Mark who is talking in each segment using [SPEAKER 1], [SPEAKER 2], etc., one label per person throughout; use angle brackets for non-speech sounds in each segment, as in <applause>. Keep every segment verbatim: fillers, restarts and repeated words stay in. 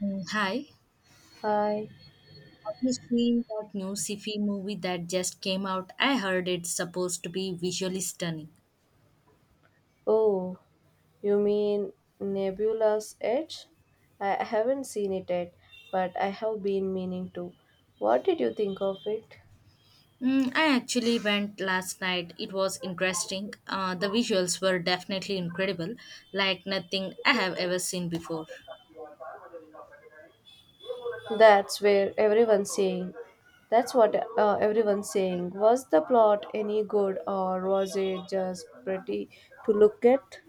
[SPEAKER 1] Mm, Hi,
[SPEAKER 2] Hi.
[SPEAKER 1] have you seen that new sci-fi movie that just came out? I heard it's supposed to be visually stunning.
[SPEAKER 2] Oh, you mean Nebula's Edge? I haven't seen it yet, but I have been meaning to. What did you think of it?
[SPEAKER 1] Mm, I actually went last night. It was interesting. Uh, the visuals were definitely incredible, like nothing I have ever seen before.
[SPEAKER 2] That's where everyone's saying. That's what uh, everyone's saying. Was the plot any good or was it just pretty to look at?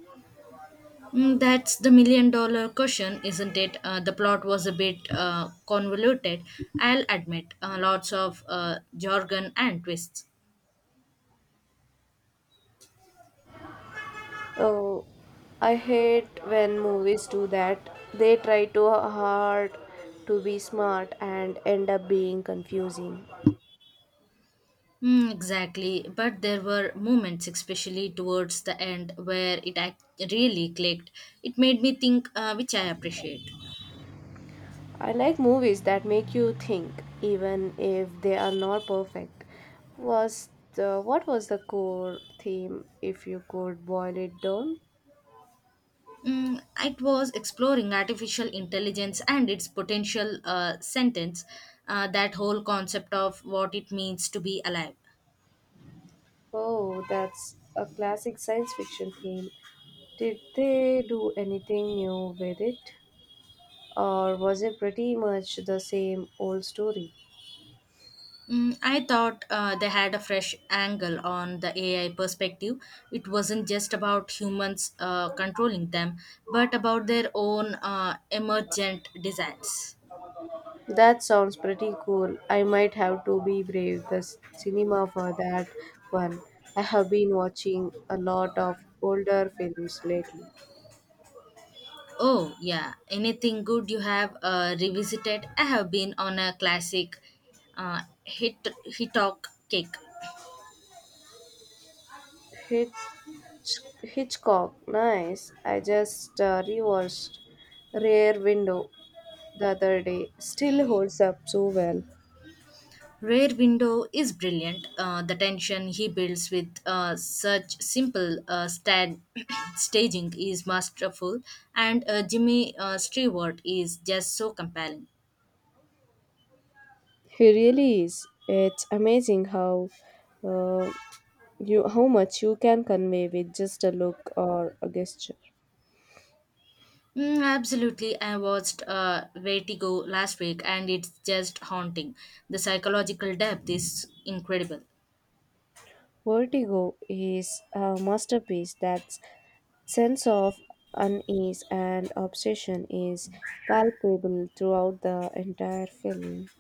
[SPEAKER 1] Mm, that's the million dollar question, isn't it? Uh, the plot was a bit uh, convoluted, I'll admit. Uh, lots of uh, jargon and twists.
[SPEAKER 2] Oh, I hate when movies do that. They try too hard to be smart and end up being confusing.
[SPEAKER 1] Mm, exactly. But there were moments, especially towards the end, where it act- really clicked. It made me think, uh, which I appreciate.
[SPEAKER 2] I like movies that make you think, even if they are not perfect. Was the what was the core theme, if you could boil it down?
[SPEAKER 1] Mm, it was exploring artificial intelligence and its potential uh, sentence, uh, that whole concept of what it means to be alive.
[SPEAKER 2] Oh, that's a classic science fiction theme. Did they do anything new with it, or was it pretty much the same old story?
[SPEAKER 1] Mm, I thought uh, they had a fresh angle on the A I perspective. It wasn't just about humans uh, controlling them, but about their own uh, emergent designs.
[SPEAKER 2] That sounds pretty cool. I might have to be brave the s- cinema for that one. I have been watching a lot of older films lately.
[SPEAKER 1] Oh, yeah. Anything good you have uh, revisited? I have been on a classic uh, hit Hitok kick.
[SPEAKER 2] Hitch, Hitchcock, nice. I just uh, rewatched Rear Window the other day. Still holds up so well.
[SPEAKER 1] Rare Window is brilliant. Uh, the tension he builds with uh, such simple uh, stand <coughs> <clears throat> staging is masterful, and uh, Jimmy uh, Stewart is just so compelling.
[SPEAKER 2] He really is. It's amazing how uh, you how much you can convey with just a look or a gesture.
[SPEAKER 1] Mm, absolutely. I watched uh, Vertigo last week and it's just haunting. The psychological depth is incredible.
[SPEAKER 2] Vertigo is a masterpiece. That sense of unease and obsession is palpable throughout the entire film.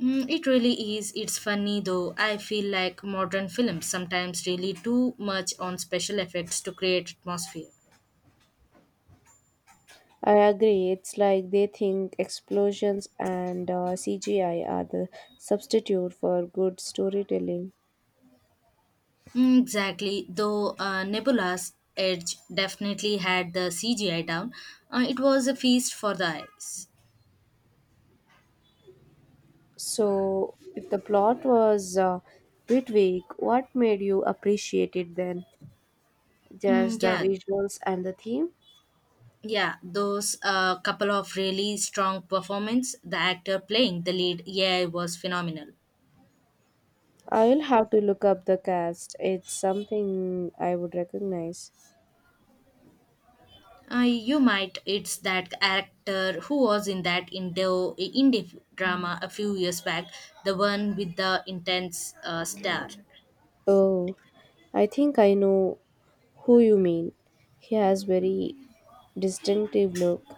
[SPEAKER 1] Mm, it really is. It's funny though. I feel like modern films sometimes really too much on special effects to create atmosphere.
[SPEAKER 2] I agree. It's like they think explosions and uh, C G I are the substitute for good storytelling.
[SPEAKER 1] Mm, exactly. Though uh, Nebula's Edge definitely had the C G I down, uh, it was a feast for the eyes.
[SPEAKER 2] So, if the plot was a bit weak, what made you appreciate it then?
[SPEAKER 1] Mm,
[SPEAKER 2] Just the
[SPEAKER 1] yeah,
[SPEAKER 2] visuals and the theme?
[SPEAKER 1] yeah. Those uh, couple of really strong performance. The actor playing the lead, yeah, was phenomenal.
[SPEAKER 2] I will have to look up the cast. It's something I would recognize.
[SPEAKER 1] Uh, you might. It's that actor who was in that Indo indie drama a few years back, the one with the intense uh, star.
[SPEAKER 2] Oh, I think I know who you mean. He has very distinctive look.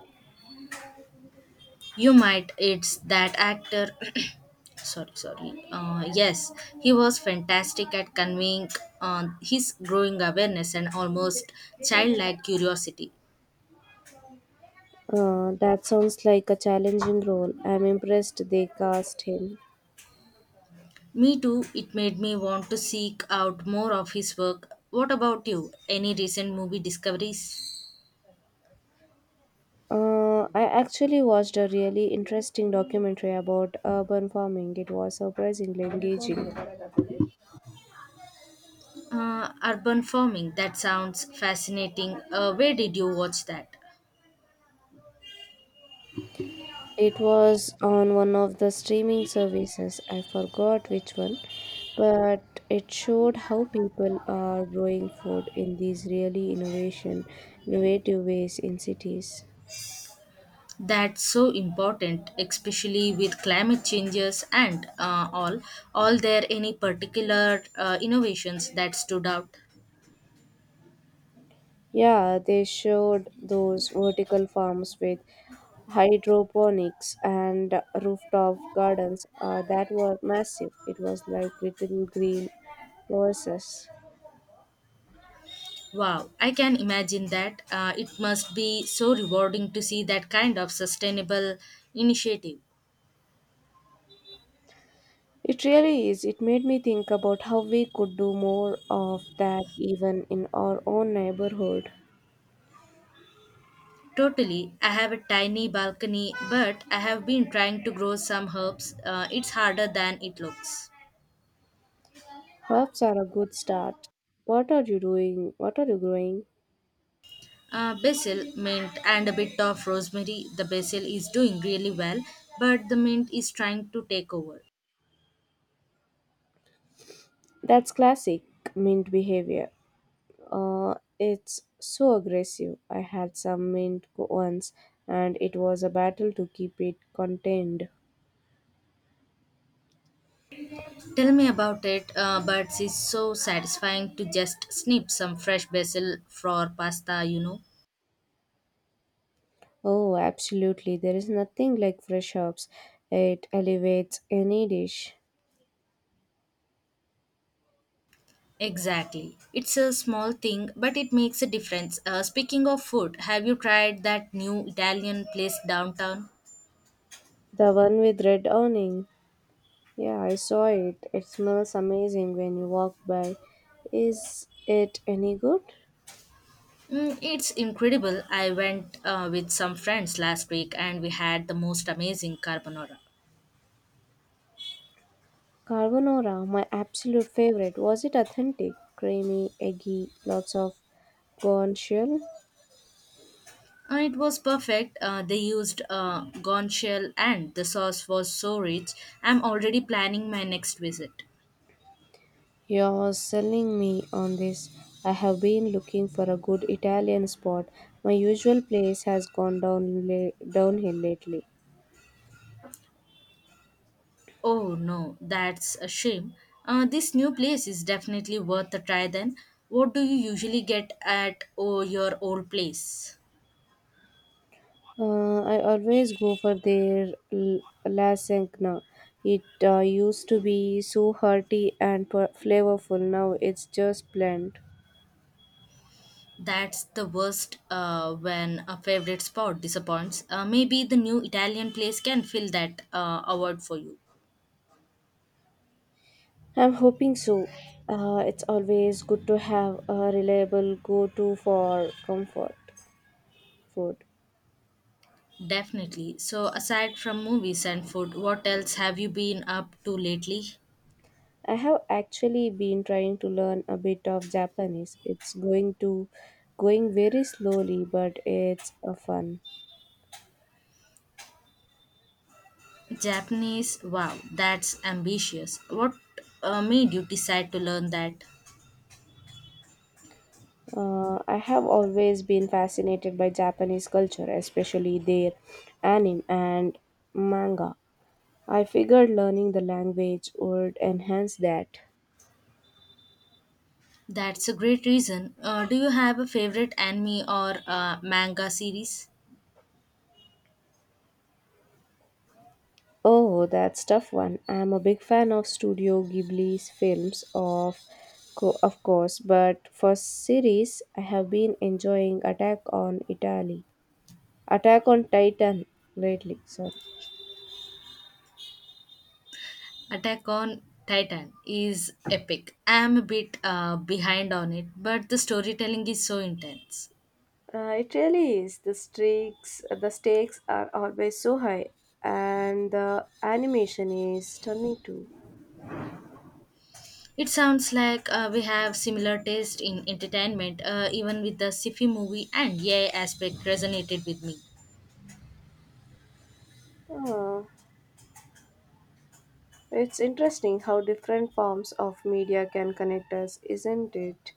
[SPEAKER 1] You might. It's that actor. <coughs> <clears throat> sorry, sorry. Uh, yes, he was fantastic at conveying uh, his growing awareness and almost childlike curiosity.
[SPEAKER 2] Uh, that sounds like a challenging role. I'm impressed they cast him.
[SPEAKER 1] Me too. It made me want to seek out more of his work. What about you? Any recent movie discoveries?
[SPEAKER 2] Uh, I actually watched a really interesting documentary about urban farming. It was surprisingly engaging.
[SPEAKER 1] Uh, urban farming, that sounds fascinating. Uh, where did you watch that?
[SPEAKER 2] It was on one of the streaming services, I forgot which one, but it showed how people are growing food in these really innovation, innovative ways in cities.
[SPEAKER 1] That's so important, especially with climate changes and uh, all. All there any particular uh, innovations that stood out?
[SPEAKER 2] Yeah, they showed those vertical farms with hydroponics and rooftop gardens uh, that were massive. It was like little green oases.
[SPEAKER 1] Wow, I can imagine that. Uh, it must be so rewarding to see that kind of sustainable initiative.
[SPEAKER 2] It really is. It made me think about how we could do more of that even in our own neighborhood.
[SPEAKER 1] Totally. I have a tiny balcony, but I have been trying to grow some herbs. Uh, it's harder than it looks.
[SPEAKER 2] Herbs are a good start. What are you doing? What are you growing?
[SPEAKER 1] Uh, basil, mint, and a bit of rosemary. The basil is doing really well, but the mint is trying to take over.
[SPEAKER 2] That's classic mint behavior. Uh, it's so aggressive. I had some mint once, and it was a battle to keep it contained.
[SPEAKER 1] Tell me about it, uh, but it's so satisfying to just snip some fresh basil for pasta, you know.
[SPEAKER 2] Oh, absolutely. There is nothing like fresh herbs. It elevates any dish.
[SPEAKER 1] Exactly. It's a small thing, but it makes a difference. Uh, speaking of food, have you tried that new Italian place downtown?
[SPEAKER 2] The one with red awning. Yeah, I saw it. It smells amazing when you walk by. Is it any good?
[SPEAKER 1] Mm, it's incredible. I went uh, with some friends last week and we had the most amazing carbonara.
[SPEAKER 2] Carbonara, my absolute favorite. Was it authentic? Creamy, eggy, lots of corn shell.
[SPEAKER 1] Uh, it was perfect. Uh, they used uh, gone shell and the sauce was so rich. I'm already planning my next visit.
[SPEAKER 2] You're selling me on this. I have been looking for a good Italian spot. My usual place has gone down la- downhill lately.
[SPEAKER 1] Oh no, that's a shame. Uh, this new place is definitely worth a try then. What do you usually get at oh, your old place?
[SPEAKER 2] Uh, I always go for their l- lasagna. It uh, used to be so hearty and per- flavorful. Now it's just bland.
[SPEAKER 1] That's the worst uh, when a favorite spot disappoints. Uh, maybe the new Italian place can fill that uh, award for you.
[SPEAKER 2] I'm hoping so. Uh, it's always good to have a reliable go-to for comfort food.
[SPEAKER 1] Definitely. So, aside from movies and food, what else have you been up to lately?
[SPEAKER 2] I have actually been trying to learn a bit of Japanese. It's going to going very slowly, but it's a fun.
[SPEAKER 1] Japanese, wow, that's ambitious. What uh, made you decide to learn that?
[SPEAKER 2] Uh, I have always been fascinated by Japanese culture, especially their anime and manga. I figured learning the language would enhance that.
[SPEAKER 1] That's a great reason. Uh, do you have a favorite anime or uh, manga series?
[SPEAKER 2] Oh, that's tough one. I'm a big fan of Studio Ghibli's films, of co- of course, but for series, I have been enjoying Attack on Italy, Attack on Titan lately. Sorry.
[SPEAKER 1] Attack on Titan is epic. I'm a bit uh, behind on it, but the storytelling is so intense.
[SPEAKER 2] Uh, it really is. The stakes, the stakes are always so high, and the animation is stunning too.
[SPEAKER 1] It sounds like uh, we have similar taste in entertainment, uh, even with the sci-fi movie and yeah aspect resonated with me.
[SPEAKER 2] Oh, it's interesting how different forms of media can connect us, isn't it?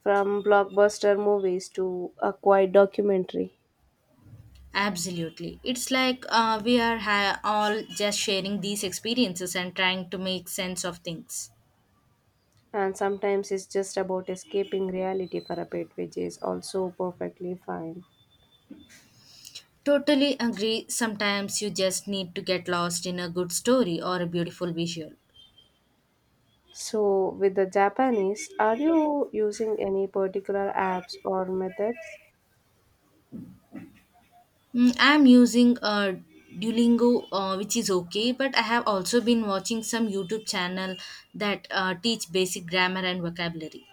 [SPEAKER 2] From blockbuster movies to a quiet documentary.
[SPEAKER 1] Absolutely. It's like uh, we are ha- all just sharing these experiences and trying to make sense of things.
[SPEAKER 2] And sometimes it's just about escaping reality for a bit, which is also perfectly fine.
[SPEAKER 1] Totally agree. Sometimes you just need to get lost in a good story or a beautiful visual.
[SPEAKER 2] So, with the Japanese, are you using any particular apps or methods?
[SPEAKER 1] Mm, I'm using uh, Duolingo, uh, which is okay, but I have also been watching some YouTube channel that uh, teach basic grammar and vocabulary.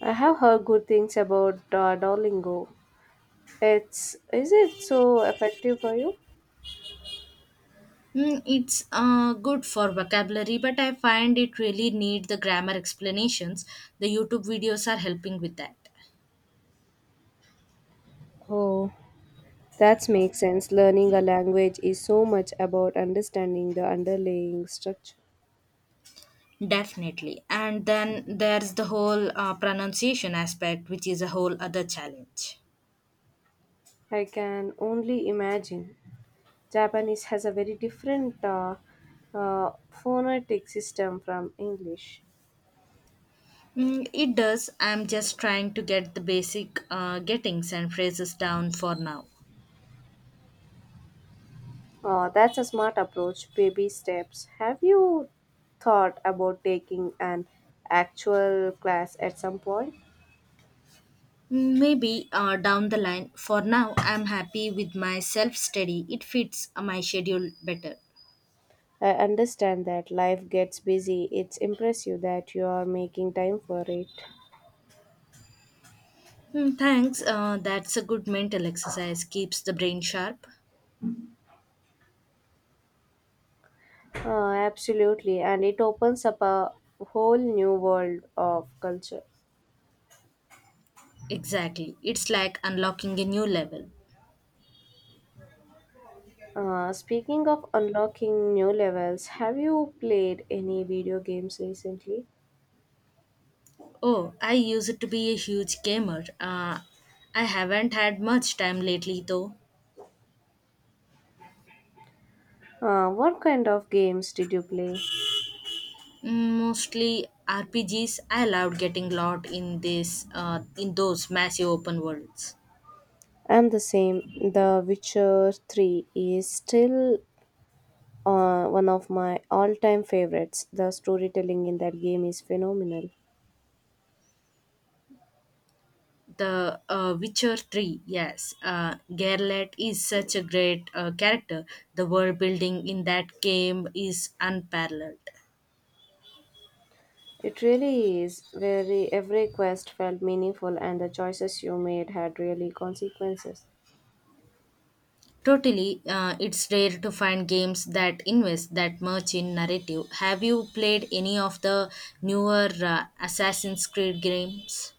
[SPEAKER 2] I have heard good things about uh, Duolingo. It's is it so effective for you?
[SPEAKER 1] Hmm, it's uh, good for vocabulary, but I find it really need the grammar explanations. The YouTube videos are helping with that.
[SPEAKER 2] Oh, that makes sense. Learning a language is so much about understanding the underlying structure.
[SPEAKER 1] Definitely. And then there's the whole uh, pronunciation aspect, which is a whole other challenge.
[SPEAKER 2] I can only imagine. Japanese has a very different uh, uh, phonetic system from English.
[SPEAKER 1] Mm, it does. I'm just trying to get the basic uh, gettings and phrases down for now.
[SPEAKER 2] Oh, that's a smart approach, baby steps. Have you thought about taking an actual class at some point?
[SPEAKER 1] Mm, Maybe uh, down the line. For now, I'm happy with my self study. It fits uh, my schedule better.
[SPEAKER 2] I understand that life gets busy. It's impressive that you are making time for it.
[SPEAKER 1] Hmm, Thanks. Uh, that's a good mental exercise. Keeps the brain sharp.
[SPEAKER 2] Uh, absolutely, and it opens up a whole new world of culture.
[SPEAKER 1] Exactly. It's like unlocking a new level.
[SPEAKER 2] Uh, speaking of unlocking new levels, have you played any video games recently?
[SPEAKER 1] Oh, I used to be a huge gamer. Uh, I haven't had much time lately though.
[SPEAKER 2] Uh, what kind of games did you play?
[SPEAKER 1] Mm, Mostly R P Gs. I loved getting lost in this, uh, in those massive open worlds.
[SPEAKER 2] I'm the same. The Witcher three is still uh, one of my all time favorites. The storytelling in that game is phenomenal.
[SPEAKER 1] The uh, Witcher three, yes. Uh, Geralt is such a great uh, character. The world building in that game is unparalleled.
[SPEAKER 2] It really is. Very, every quest felt meaningful, and the choices you made had really consequences.
[SPEAKER 1] Totally, uh, it's rare to find games that invest that much in narrative. Have you played any of the newer uh, Assassin's Creed games?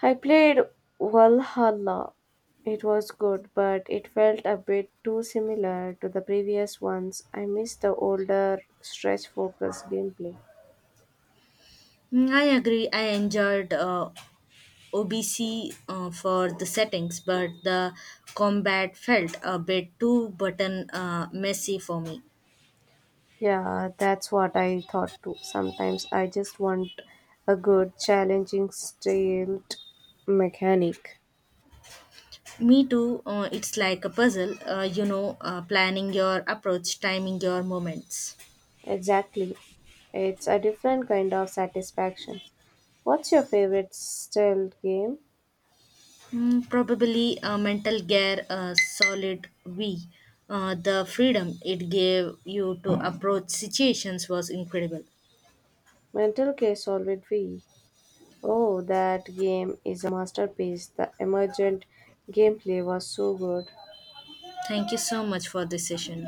[SPEAKER 2] I played Valhalla. It was good, but it felt a bit too similar to the previous ones. I missed the older, stress focused gameplay.
[SPEAKER 1] Mm, I agree. I enjoyed uh, O B C uh, for the settings, but the combat felt a bit too button uh, messy for me.
[SPEAKER 2] Yeah, that's what I thought too. Sometimes I just want a good, challenging, stealth mechanic.
[SPEAKER 1] Me too. Uh, it's like a puzzle, uh, you know, uh, planning your approach, timing your moments.
[SPEAKER 2] Exactly. It's a different kind of satisfaction. What's your favorite stealth game?
[SPEAKER 1] Mm, probably a mental gear, a solid V. Uh, the freedom it gave you to approach situations was incredible.
[SPEAKER 2] Mental Case Solid V. Oh, that game is a masterpiece. The emergent gameplay was so good.
[SPEAKER 1] Thank you so much for this session.